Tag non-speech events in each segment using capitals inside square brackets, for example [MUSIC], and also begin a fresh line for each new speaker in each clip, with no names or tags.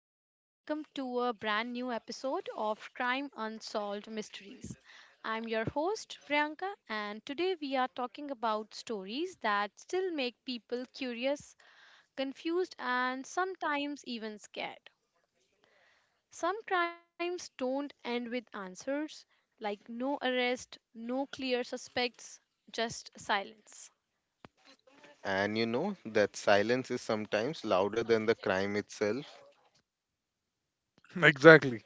and welcome to a brand new episode of Crime Unsolved Mysteries. I'm your host, Priyanka, and today we are talking about stories that still make people curious, confused, and sometimes even scared. Some crimes don't end with answers, like no arrest, no clear suspects, just silence.
And you know that silence is sometimes louder than the crime itself.
Exactly.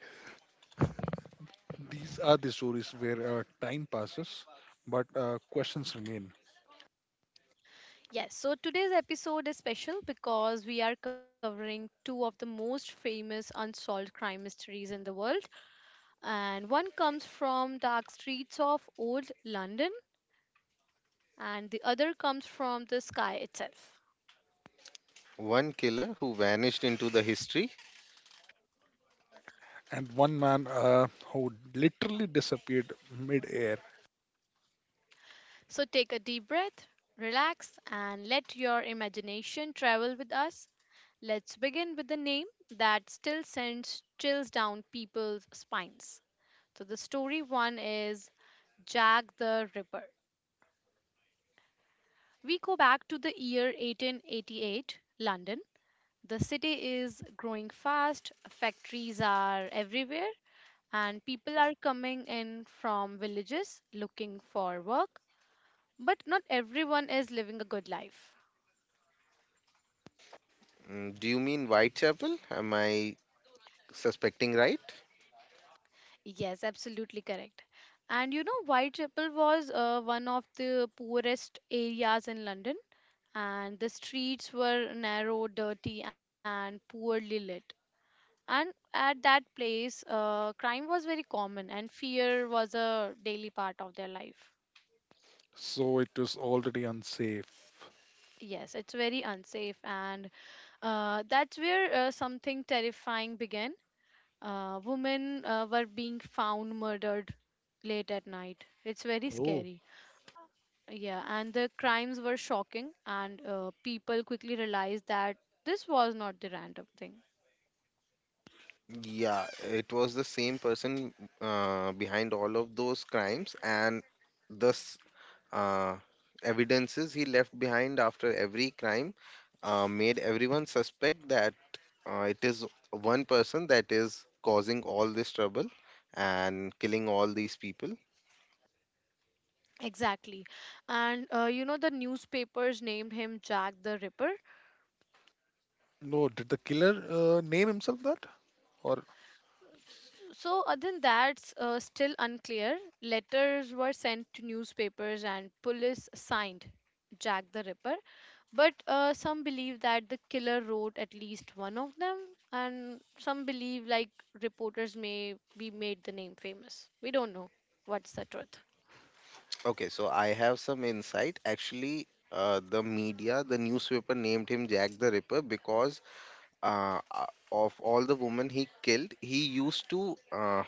These are the stories where time passes, but questions remain.
Yes, so today's episode is special because we are covering two of the most famous unsolved crime mysteries in the world. And one comes from dark streets of old London, and the other comes from the sky itself.
One killer who vanished into the history.
And one man who literally disappeared mid air.
So take a deep breath, relax, and let your imagination travel with us. Let's begin with the name that still sends chills down people's spines. So the story one is Jack the Ripper. We go back to the year 1888, London. The city is growing fast, factories are everywhere, and people are coming in from villages looking for work. But not everyone is living a good life.
Mm, do you mean Whitechapel? Am I suspecting right?
Yes, absolutely correct. And you know, Whitechapel was one of the poorest areas in London, and the streets were narrow, dirty, and poorly lit. And at that place, crime was very common and fear was a daily part of their life.
So it was already unsafe.
Yes, it's very unsafe, and that's where something terrifying began. Women were being found murdered late at night. It's very
Oh.
scary. Yeah, and the crimes were shocking, and people quickly realized that this was not the random thing.
Yeah, it was the same person behind all of those crimes, and thus uh, evidences he left behind after every crime made everyone suspect that it is one person that is causing all this trouble and killing all these people.
Exactly. And you know, the newspapers named him Jack the Ripper.
No, did the killer name himself that? Or.
So, other than that's still unclear. Letters were sent to newspapers and police signed Jack the Ripper, but some believe that the killer wrote at least one of them, and some believe like reporters may be made the name famous. We don't know what's the truth.
Okay, so I have some insight. Actually, the media, the newspaper named him Jack the Ripper because uh, uh, of all the women he killed, he used to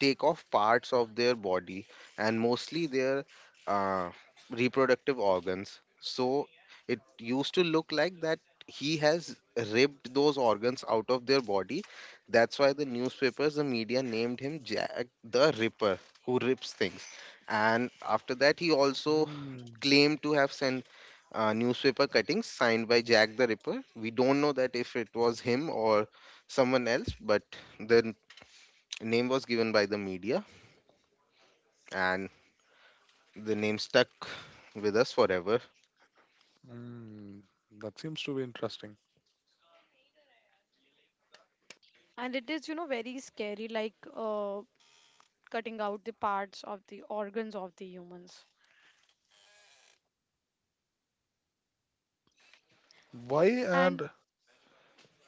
take off parts of their body, and mostly their uh, reproductive organs. So it used to look like that he has ripped those organs out of their body. That's why the newspapers, the media named him Jack the Ripper, who rips things. And after that, he also
Hmm.
claimed to have sent newspaper cuttings signed by Jack the Ripper. We don't know that if it was him or someone else, but the name was given by the media, and the name stuck with us forever.
Hmm, that seems to be interesting.
And it is, you know, very scary, like cutting out the parts of the organs of the humans.
Why
And
and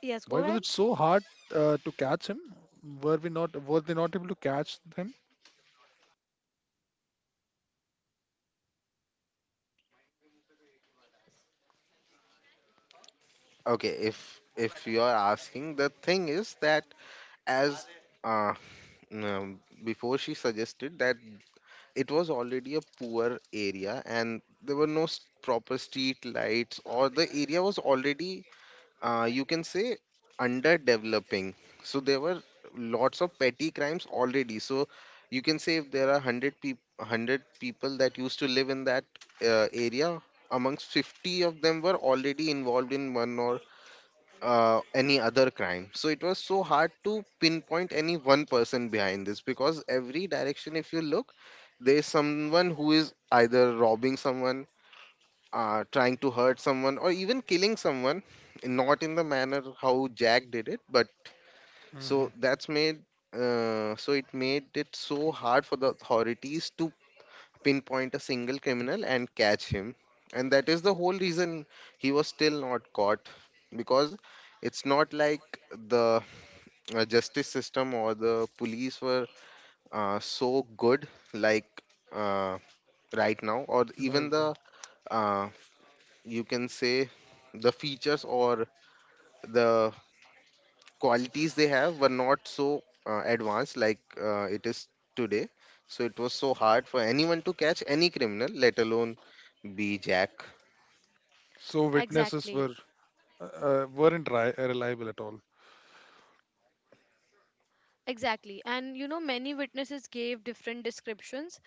yes,
why
go
was
ahead.
it so hard to catch him? Were they not able to catch him?
Okay, if you are asking, the thing is that as uh, um, before she suggested that it was already a poor area, and there were no proper street lights, or the area was already, you can say, underdeveloping. So there were lots of petty crimes already, so you can say if there are 100 people, 100 people that used to live in that area, amongst 50 of them were already involved in one or any other crime. So it was so hard to pinpoint any one person behind this, because every direction if you look, there's someone who is either robbing someone, trying to hurt someone, or even killing someone, not in the manner how Jack did it, but
Hmm.
so that's made so it made it so hard for the authorities to pinpoint a single criminal and catch him, and that is the whole reason he was still not caught, because it's not like the justice system or the police were so good like, uh, right now, or
No,
even
I.
the, uh, you can say, the features or the qualities they have were not so advanced like it is today. So it was so hard for anyone to catch any criminal, let alone be Jack.
So witnesses
Exactly.
were weren't ri- reliable at all.
Exactly. And you know, many witnesses gave different descriptions,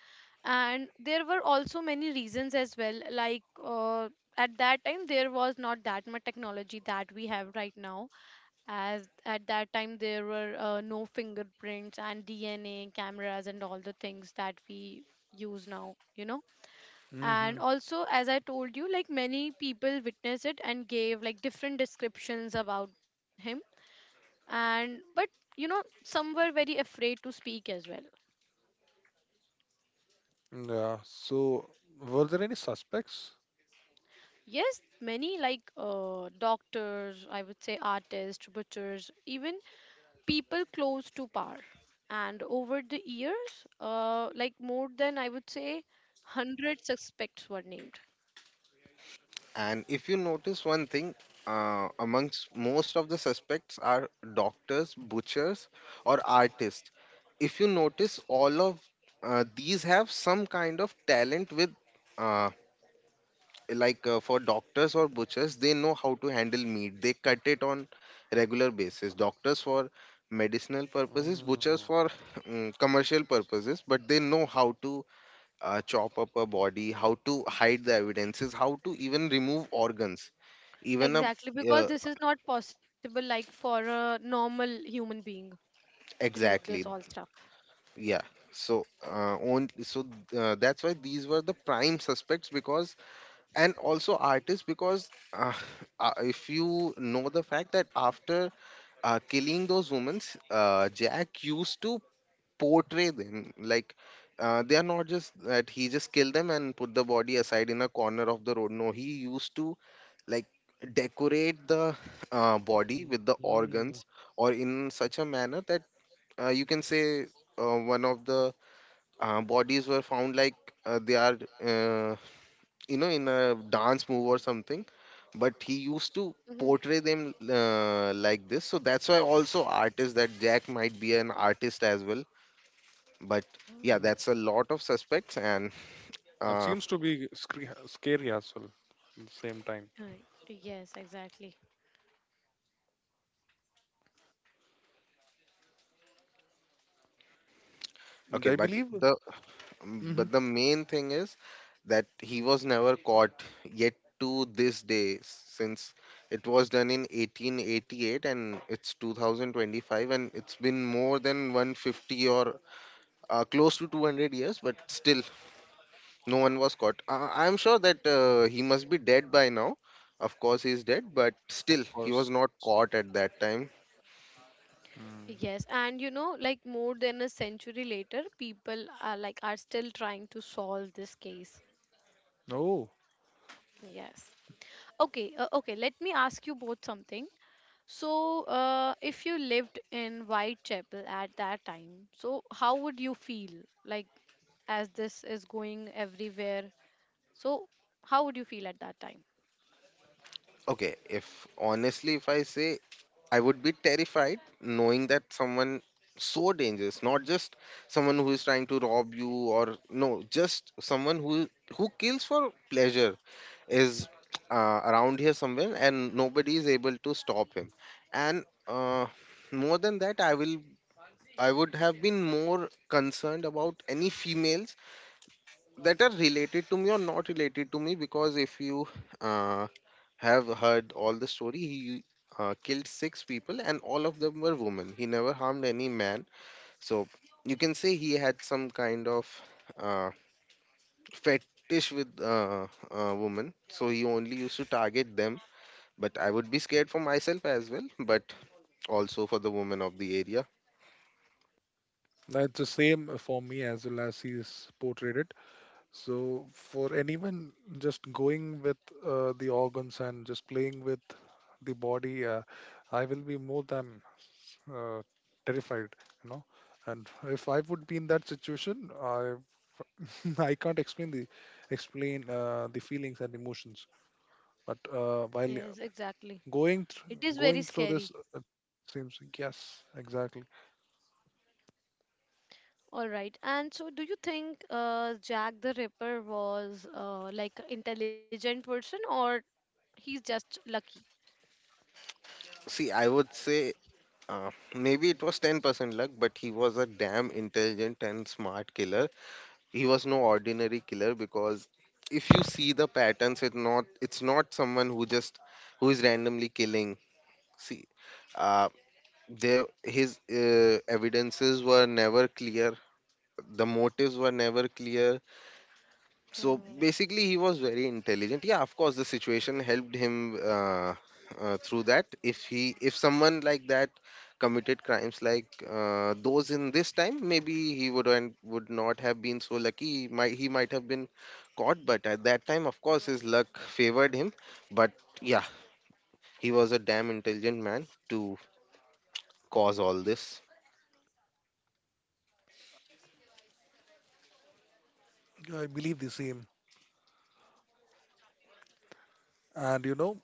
and there were also many reasons as well. Like, at that time, there was not that much technology that we have right now. As at that time, there were no fingerprints and DNA cameras and all the things that we use now, you know.
Mm-hmm.
And also, as I told you, like many people witnessed it and gave like different descriptions about him and but you know some were very afraid to speak as well.
Yeah. So, were there any suspects?
Yes, many, like doctors, I would say, artists, butchers, even people close to power. And over the years, like more than I would say 100 suspects were named.
And if you notice one thing, amongst most of the suspects are doctors, butchers, or artists. If you notice, all of these have some kind of talent with, uh, for doctors or butchers, they know how to handle meat, they cut it on regular basis. Doctors for medicinal purposes,
Mm.
butchers for [LAUGHS] commercial purposes, but they know how to chop up a body, how to hide the evidences, how to even remove organs, even a,
Exactly, because
uh,
this is not possible like for a normal human being to do this
exactly.
all stuff.
Yeah, so on so that's why these were the prime suspects, because, and also artists, because [LAUGHS] if you know the fact that after killing those women, Jack used to portray them like they are, not just that he just killed them and put the body aside in a corner of the road. No, he used to like decorate the body with the
Mm.
organs, or in such a manner that, you can say, one of the bodies were found like they are, uh, you know, in a dance move or something, but he used to
Mhm.
portray them like this. So that's why also artists, that Jack might be an artist as well. But yeah,
Hmm.
that's a lot of suspects, and
That
uh,
seems to be scary as well at the same time.
Right, yes, exactly.
And
okay,
I believe,
the
hmm,
but the main thing is that he was never caught yet, to this day, since it was done in 1888, and it's 2025, and it's been more than 150 or close to 200 years, but still no one was caught. I'm sure that he must be dead by now. Of course, he's dead, but
of
still, he was
course.
not caught at that time.
Mm.
Yes, and you know, like more than a century later, people are like are still trying to solve this case.
Oh,
Yes. Okay, okay, let me ask you both something. So, if you lived in Whitechapel at that time, so how would you feel like as this is going everywhere? So, how would you feel at that time?
Okay, if honestly, if I say, I would be terrified knowing that someone so dangerous, not just someone who is trying to rob you, or no, just someone who kills for pleasure is around here somewhere, and nobody is able to stop him. And more than that, I will I would have been more concerned about any females that are related to me or not related to me, because if you uh, have heard all the story, he killed six people, and all of them were women. He never harmed any man. So you can say he had some kind of uh, fetish with women. So he only used to target them. But I would be scared for myself as well, but also for the women of the area.
that's the same for me as well as he's portrayed it. So, for anyone just going with the organs and just playing with the body, I will be more than uh, terrified, you know. And if I would be in that situation, I [LAUGHS] I can't explain the feelings and emotions. But while
Yes, exactly.
going thr
It is very
going through this,
scary.
it seems like, yes, exactly.
All right. And so, do you think Jack the Ripper was like an intelligent person, or he's just lucky?
See, I would say, Uh, maybe it was 10% luck, but he was a damn intelligent and smart killer. He was no ordinary killer, because if you see the patterns, it's not someone who just who is randomly killing. See, uh, there his evidences were never clear. The motives were never clear. So
Hmm.
basically, he was very intelligent. Yeah, of course the situation helped him through that. If he if someone like that committed crimes like those in this time, maybe he would and would not have been so lucky. He might have been caught, but at that time, of course, his luck favored him. But yeah, he was a damn intelligent man to cause all this.
I believe the same, and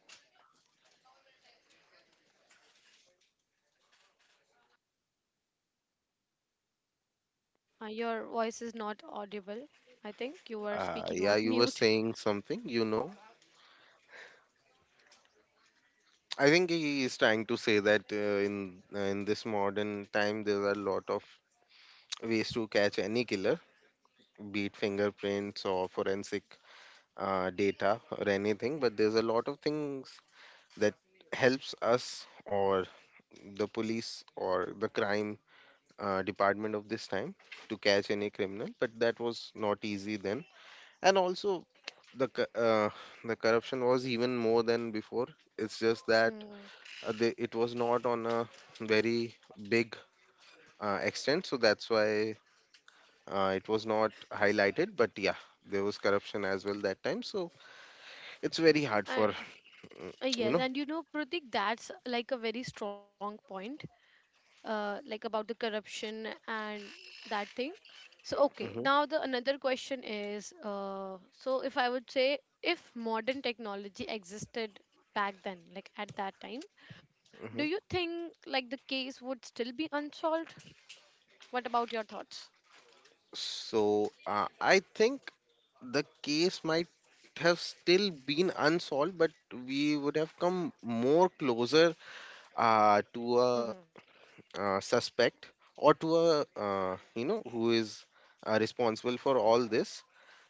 Your voice is not audible. I think you are speaking
Yeah,
on [LAUGHS]
you were
mute.
saying something, you know. I think he is trying to say that in this modern time, there are a lot of ways to catch any killer, be it fingerprints or forensic data or anything. But there's a lot of things that helps us, or the police, or the crime department of this time, to catch any criminal. But that was not easy then, and also the co- uh, the corruption was even more than before. It's just that
Hmm.
it was not on a very big extent, so that's why it was not highlighted, but yeah, there was corruption as well that time. So it's very hard
Uh,
for, mm, you
yes,
know.
and you know, Pratik, that's like a very strong point. Like about the corruption and that thing. So okay,
Hmm.
now the another question is, so if I would say, if modern technology existed back then, like at that time, do you
Hmm.
think like the case would still be unsolved? What about your thoughts?
So I think the case might have still been unsolved, but we would have come more closer to a,
Mm-hmm.
suspect, or to a, you know, who is responsible for all this.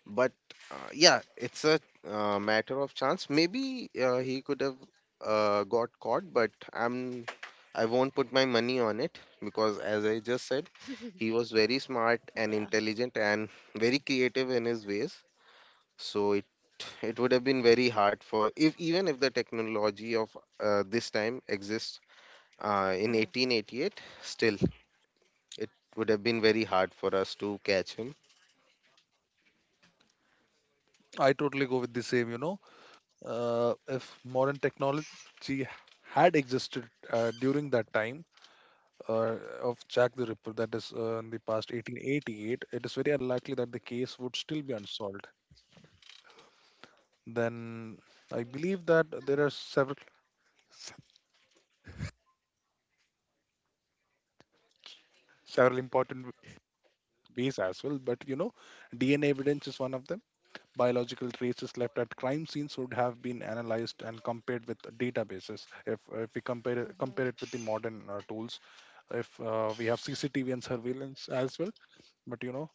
But yeah, it's a matter of chance. Maybe he could have got caught, but I won't put my money on it, because, as I just said, he was very smart
Yeah.
and intelligent and very creative in his ways. So it would have been very hard for, if even if the technology of this time exists
Mm-hmm.
in 1888, still it would have been very hard for us to catch him.
I totally go with the same, you know. If modern technology had existed during that time uh, of Jack the Ripper, that is in the past 1888, it is very unlikely that the case would still be unsolved. Then I believe that there are several [LAUGHS] several important ways as well, but you know, DNA evidence is one of them. Biological traces left at crime scenes would have been analyzed and compared with databases. If we compare it,
Mm-hmm.
compare it with the modern tools, if we have CCTV and surveillance as well. But you know,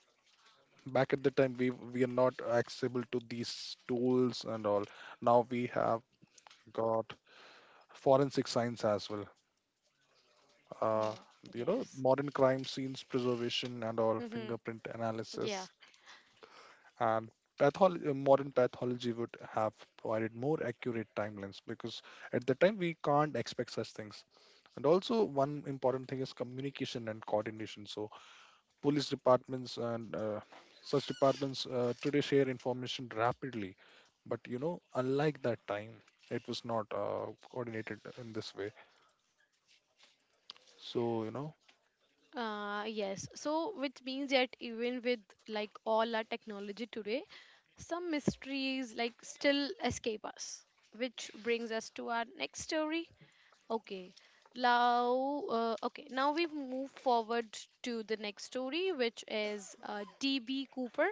back at the time, we are not accessible to these tools and all. Now we have got forensic science as well, uh,
Mm,
you know,
yes.
modern crime scenes preservation and all,
Hmm.
fingerprint
Yeah.
analysis, and pathology. Modern pathology would have provided more accurate timelines, because at the time we can't expect such things. And also, one important thing is communication and coordination. So police departments and such departments today share information rapidly, but you know, unlike that time, it was not coordinated in this way. So you know.
Yes. So, which means that even with like all our technology today, some mysteries like still escape us, which brings us to our next story. Okay. Now, okay. Now we move forward to the next story, which is DB Cooper.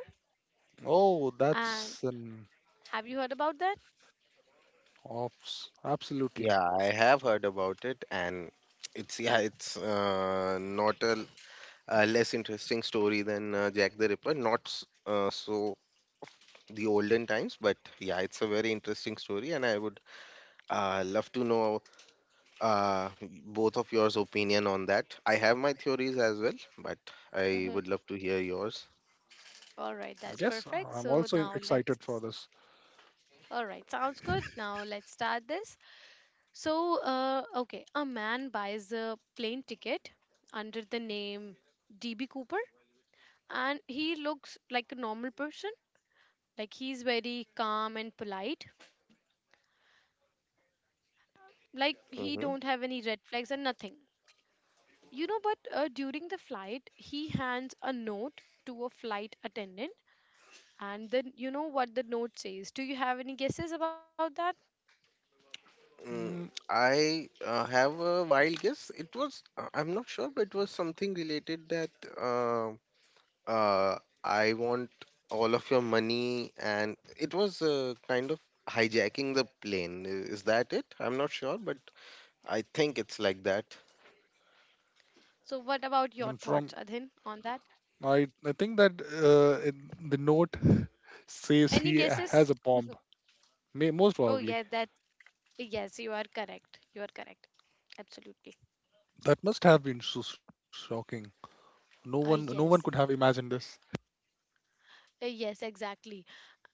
Oh,
And
that's an
have you heard about that?
ops absolutely.
Yeah, I have heard about it, and it's, yeah, it's not a, a less interesting story than Jack the Ripper. Not s- So the olden times, but yeah, it's a very interesting story, and I would love to know uh, both of yours opinion on that. I have my theories as well, but I
Mm-hmm.
would love to hear yours.
All right, that's
Yes,
perfect.
I'm
So
also
now let's.
excited for this.
All right, sounds good. Now let's start this. So, okay, a man buys a plane ticket under the name DB Cooper, and he looks like a normal person. Like he's very calm and polite. Like he
Hmm.
don't have any red flags and nothing. You know, but during the flight, he hands a note to a flight attendant, and then you know what the note says. Do you have any guesses about that?
Mm,
Mm.
I have a wild guess. It was, I'm not sure, but it was something related that. um uh, I want all of your money, and it was kind of hijacking the plane. Is that it? I'm not sure, but I think it's like that.
So, what about your
And from
thoughts, Adhin, on that?
i I think that in the note [LAUGHS] says he
Any guesses?
has a bomb, may most
Oh,
probably.
yeah, that. Yes, you are correct. You are correct. Absolutely.
That must have been so shocking. no one no one could have
Yes.
imagined this.
Yes, exactly.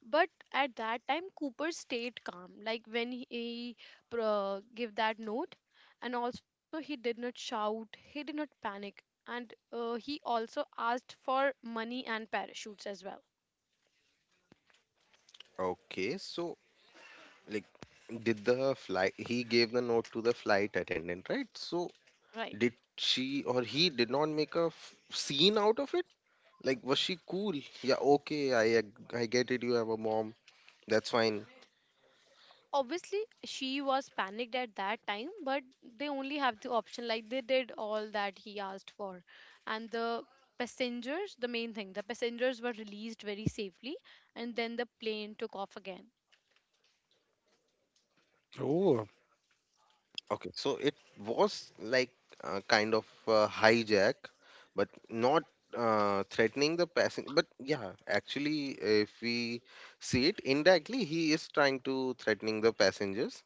But at that time, Cooper stayed calm. Like when he gave that note, and also he did not shout, he did not panic, and he also asked for money and parachutes as well.
Okay, so like, did the flight? He gave the note to the flight attendant, right? So
Right.
did she, or he did not make a scene out of it? Like, was she cool? Yeah, okay, I get it. You have a mom. That's fine.
Obviously she was panicked at that time, but they only have the option, like they did all that he asked for, and the passengers, the main thing, the passengers were released very safely, and then the plane took off again.
Oh.
Okay, so it was like a kind of a hijack, but not threatening the passenger. But yeah, actually, if we see it indirectly, he is trying to threatening the passengers.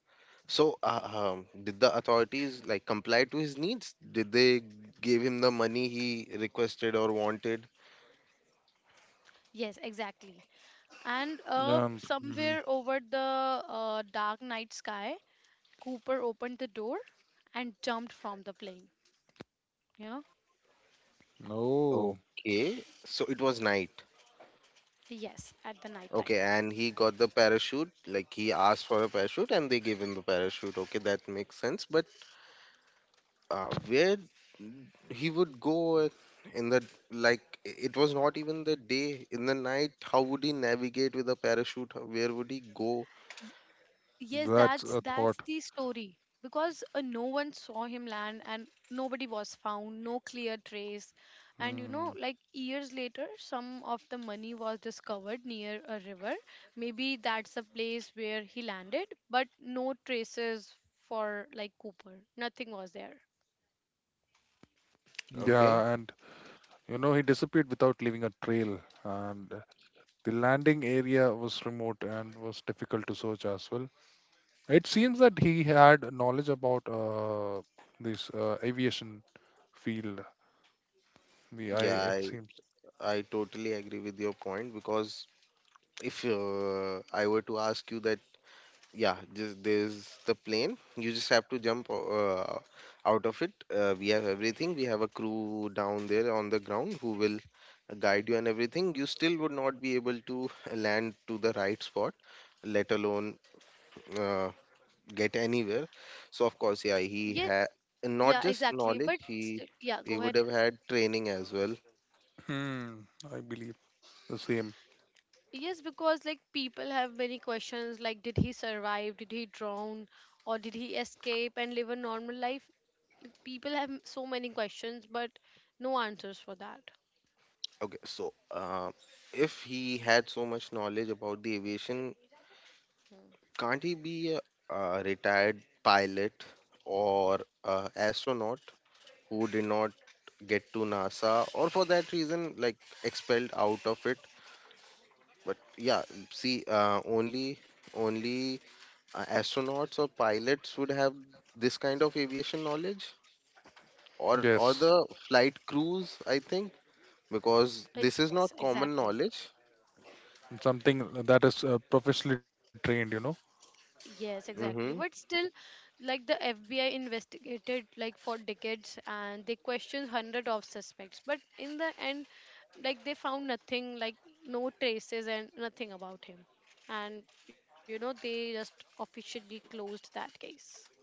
So, did the authorities like comply to his needs? Did they give him the money he requested or wanted?
Yes, exactly. And
Mhm.
somewhere over the dark night sky, Cooper opened the door and jumped from the plane, you know.
Oh,
Okay, so it was night.
Yes, at the night time.
Okay, and he got the parachute. Like he asked for a parachute, and they gave him the parachute. Okay, that makes sense. But where he would go in the... like it was not even the day in the night. How would he navigate with a parachute? Where would he go?
Y- yes,
that's
that's
a
the
thought.
story, because no one saw him land and nobody was found, no clear trace. And you know,
Hmm.
like years later, some of the money was discovered near a river. Maybe that's the place where he landed, but no traces for like Cooper, nothing was there.
Okay,
Yeah, and you know, he disappeared without leaving a trail, and the landing area was remote and was difficult to search as well. It seems that he had knowledge about this aviation field. The I,
yeah,
it seems.
I totally agree with your point. Because if I were to ask you that, yeah, just there's the plane, you just have to jump out of it. We have everything, we have a crew down there on the ground who will guide you and everything, you still would not be able to [LAUGHS] land to the right spot, let alone uh, get anywhere. So of course, yeah,
Yeah.
he had
Yeah,
not just
exactly, but
knowledge;
still, yeah, go
he
ahead.
would have had training as well.
Hmm, I believe the same.
Yes, because like people have many questions like did he survive, did he drown, or did he escape and live a normal life? Like, people have so many questions, but no answers for that.
Okay, so if he had so much knowledge about the aviation,
Hmm.
can't he be a retired pilot or a astronaut who did not get to NASA or for that reason, like expelled out of it? But yeah, see, only astronauts or pilots would have this kind of aviation knowledge, or
Yes,
the flight crews, I think, because
Uh,
this is not
yes,
common
exactly.
knowledge.
something that is professionally trained, you know.
Yes, exactly.
Mm-hmm.
But still, like the FBI investigated like for decades and they questioned hundred of suspects. But in the end, like they found nothing, like no traces and nothing about him. And you know, they just officially closed that case.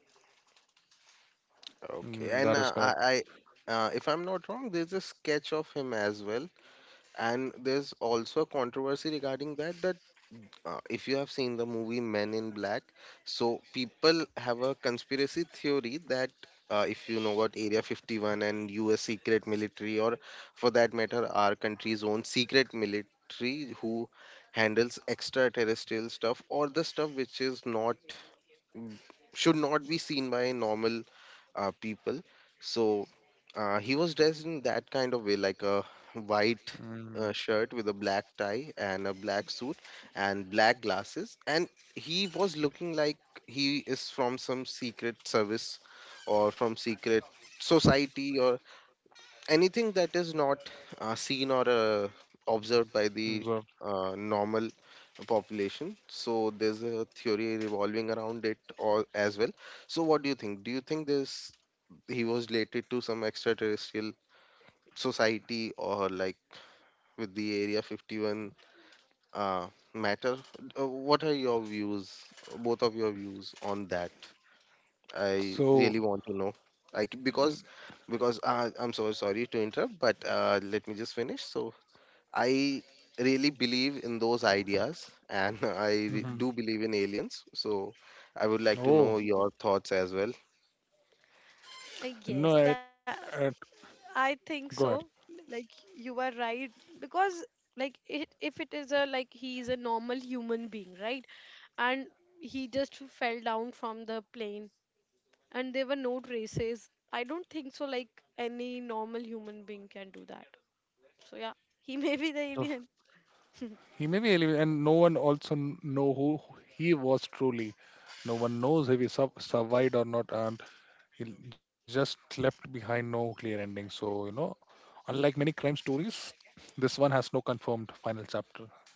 Okay,
Mm,
and
that is correct.
I if I'm not wrong, there's a sketch of him as well, and there's also a controversy regarding that. If you have seen the movie Men in Black, so people have a conspiracy theory that, if you know what, Area 51 and US secret military, or for that matter, our country's own secret military, who handles extraterrestrial stuff or the stuff which is not, mm, should not be seen by normal people. So he was dressed in that kind of way, like a white
Mm.
shirt with a black tie and a black suit and black glasses. And he was looking like he is from some secret service or from secret society or anything that is not seen or observed by the
So.
normal population. So there's a theory revolving around it all as well. So what do you think? Do you think this he was related to some extraterrestrial society or like with the Area 51 uh, matter? What are your views, both of your views on that? I really want to know, like,
So.
because I'm so sorry to interrupt, but let me just finish. So I really believe in those ideas, and [LAUGHS] do believe in aliens. So I would like to know
Oh,
your thoughts as well.
I
no. at,
guess that
at,
I
go
think
ahead.
so. Like you are right, because like it, if it is a like he is a normal human being, right? And he just fell down from the plane and there were no traces. I don't think so like any normal human being can do that. So yeah, he [LAUGHS] may be the
So
alien. [LAUGHS]
he may be elevated, and no one also know who he was truly. No one knows if he sub survived or not, and he just left behind no clear ending. So, you know, unlike many crime stories, this one has no confirmed final chapter,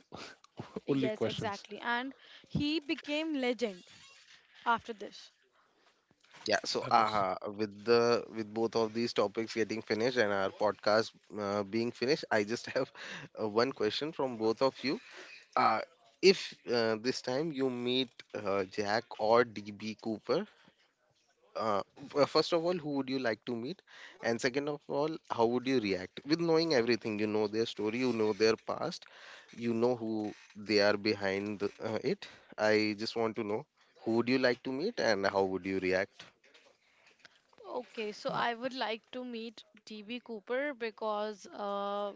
Yes,
only
exactly.
questions.
And he became legend after this.
Yeah, so
That is.
with the with both of these topics getting finished and our podcast being finished, I just have [LAUGHS] one question from both of you. Uh, if this time you meet Jack or DB Cooper, uh, first of all, who would you like to meet? And second of all, how would you react? With knowing everything, you know their story, you know their past, you know who they are behind it. I just want to know, who would you like to meet and how would you react?
Okay, so I would like to meet DB Cooper because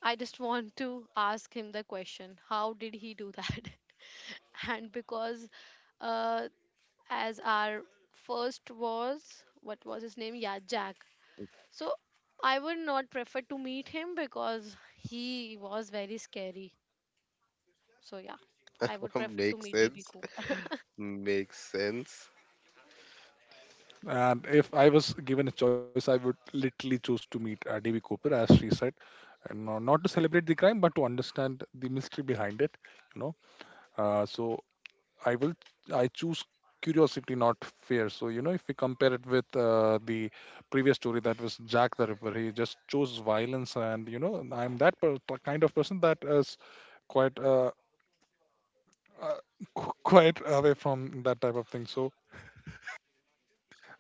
I just want to ask him the question how did he do that? [LAUGHS] And because, uh, as our first was, what was his name? Yeah, Jack. So I would not prefer to meet him because he was very scary. So, yeah, I would
[LAUGHS]
prefer to
Makes
meet E B
sense.
Cooper.
Makes sense.
And if I was given a choice, I would literally choose to meet D.B. Cooper, as she said, and not to celebrate the crime, but to understand the mystery behind it. You know, so I will I choose curiosity, not fear. So you know, if we compare it with the previous story that was Jack the Ripper, he just chose violence. And you know, and I'm that kind of person that is quite uh, [LAUGHS] quite away from that type of thing. So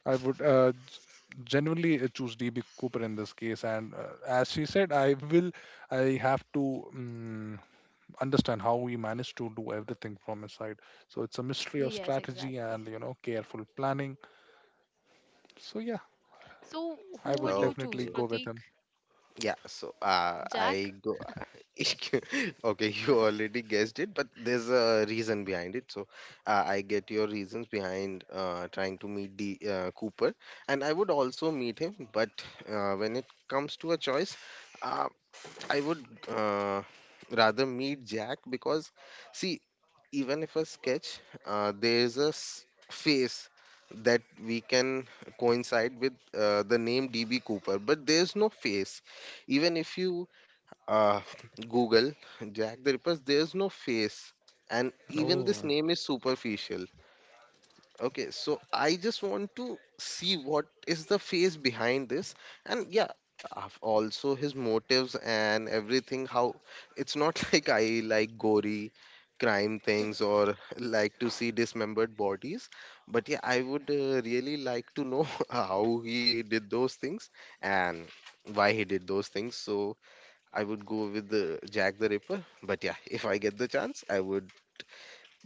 I would genuinely choose DB Cooper in this case, and as she said, I will I have to understand how he managed to do everything from his side. So it's a
[LAUGHS]
mystery of
Yes,
strategy
exactly.
and, you know, careful planning. So yeah,
So,
I
who would
would
you choose,
definitely
Okay.
go with
Pratik?
him.
Yeah, so I
Jack?
go. [LAUGHS] Okay, you already guessed it, but there's a reason behind it. So I get your reasons behind trying to meet the Cooper, and I would also meet him. But when it comes to a choice, uh, I would rather meet Jack because, see, even if a sketch, uh, there's a s- face that we can coincide with the name DB Cooper, but there's no face. Even if you uh, Google Jack the Ripper, there's no face, and even
Oh,
this name is superficial. Okay, so I just want to see what is the face behind this, and yeah, also his motives and everything. How, it's not [LAUGHS] like I like gory crime things or [LAUGHS] like to see dismembered bodies, but yeah, I would really like to know [LAUGHS] how he did those things and why he did those things. So I would go with the Jack the Ripper, but yeah, if I get the chance, I would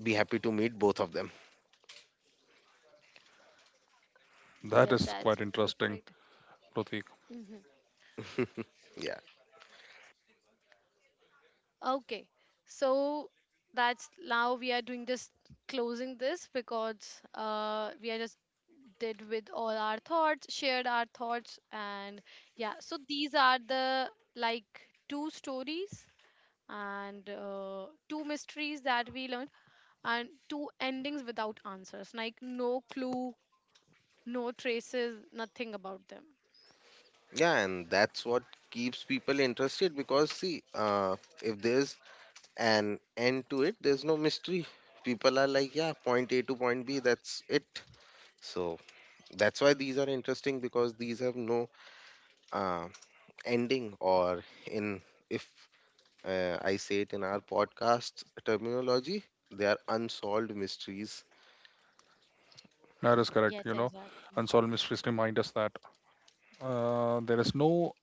be happy to meet both of them.
that
Yeah,
is quite
that's
interesting,
perfect.
Pratik.
Mhm.
[LAUGHS] Yeah.
Okay, so that's now we are doing just closing this because we are just did with all our thoughts, shared our thoughts, and yeah, so these are the like two stories and two mysteries that we learned, and two endings without answers, like no clue, no traces, nothing about them.
Yeah, and that's what keeps people interested. Because see, if there's an end to it, there's no mystery. People are like, yeah, point A to point B, that's it. So that's why these are interesting, because these have no uh, ending or in if I say it in our podcast terminology, they are unsolved mysteries.
That is correct. You
Yes,
know,
exactly.
unsolved mysteries remind us that there is no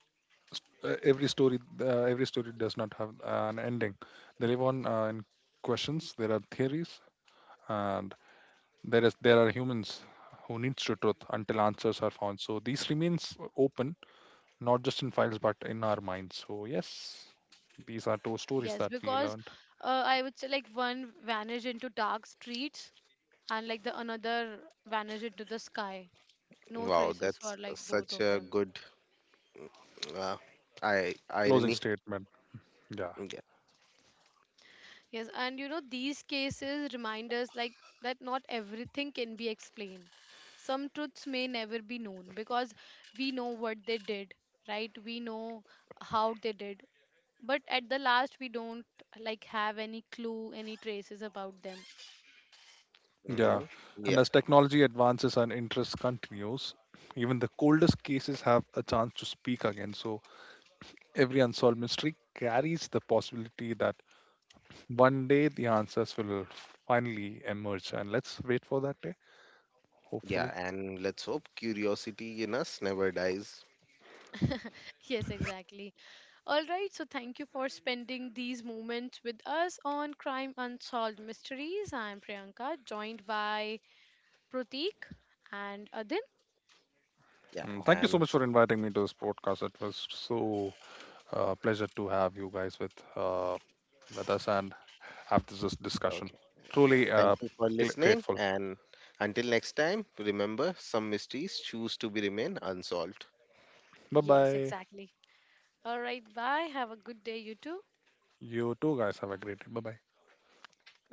every story. Every story does not have an ending. They live on in questions. There are theories, and there are humans who needs to truth until answers are found. So these remains open, not just in files but in our minds. So yes, these are two stories
Yes,
that we
because
learned.
I would say like one vanished into dark streets, and like the another vanished into the sky, no
Wow,
traces
that's
for like both
such
of
a
them.
good uh, I
Closing
irony.
statement. Yeah.
Yeah.
Yes, and you know these cases remind us like that not everything can be explained, some truths may never be known, because we know what they did, right? We know how they did, but at the last we don't like have any clue, any traces about them.
Hmm.
Yeah, and as technology advances and interest continues, even the coldest cases have a chance to speak again. So every unsolved mystery carries the possibility that one day the answers will finally emerge. And let's wait for that day,
Yeah,
hopefully.
and let's hope curiosity in us never dies.
Yes, exactly. All right, so thank you for spending these moments with us on Crime Unsolved Mysteries. I'm Priyanka, joined by Pratik and Adin.
Yeah,
Mm, thank you so
and
much for inviting me to this podcast. It was so pleasure to have you guys with us and have this discussion.
okay. Yeah,
Truly
thank you for listening.
grateful.
And until next time, remember, some mysteries choose to be remain unsolved.
Bye
Yes,
bye.
exactly. All right, bye. Have a good day, you too.
You too, guys. Have a great day. Bye bye.
Bye.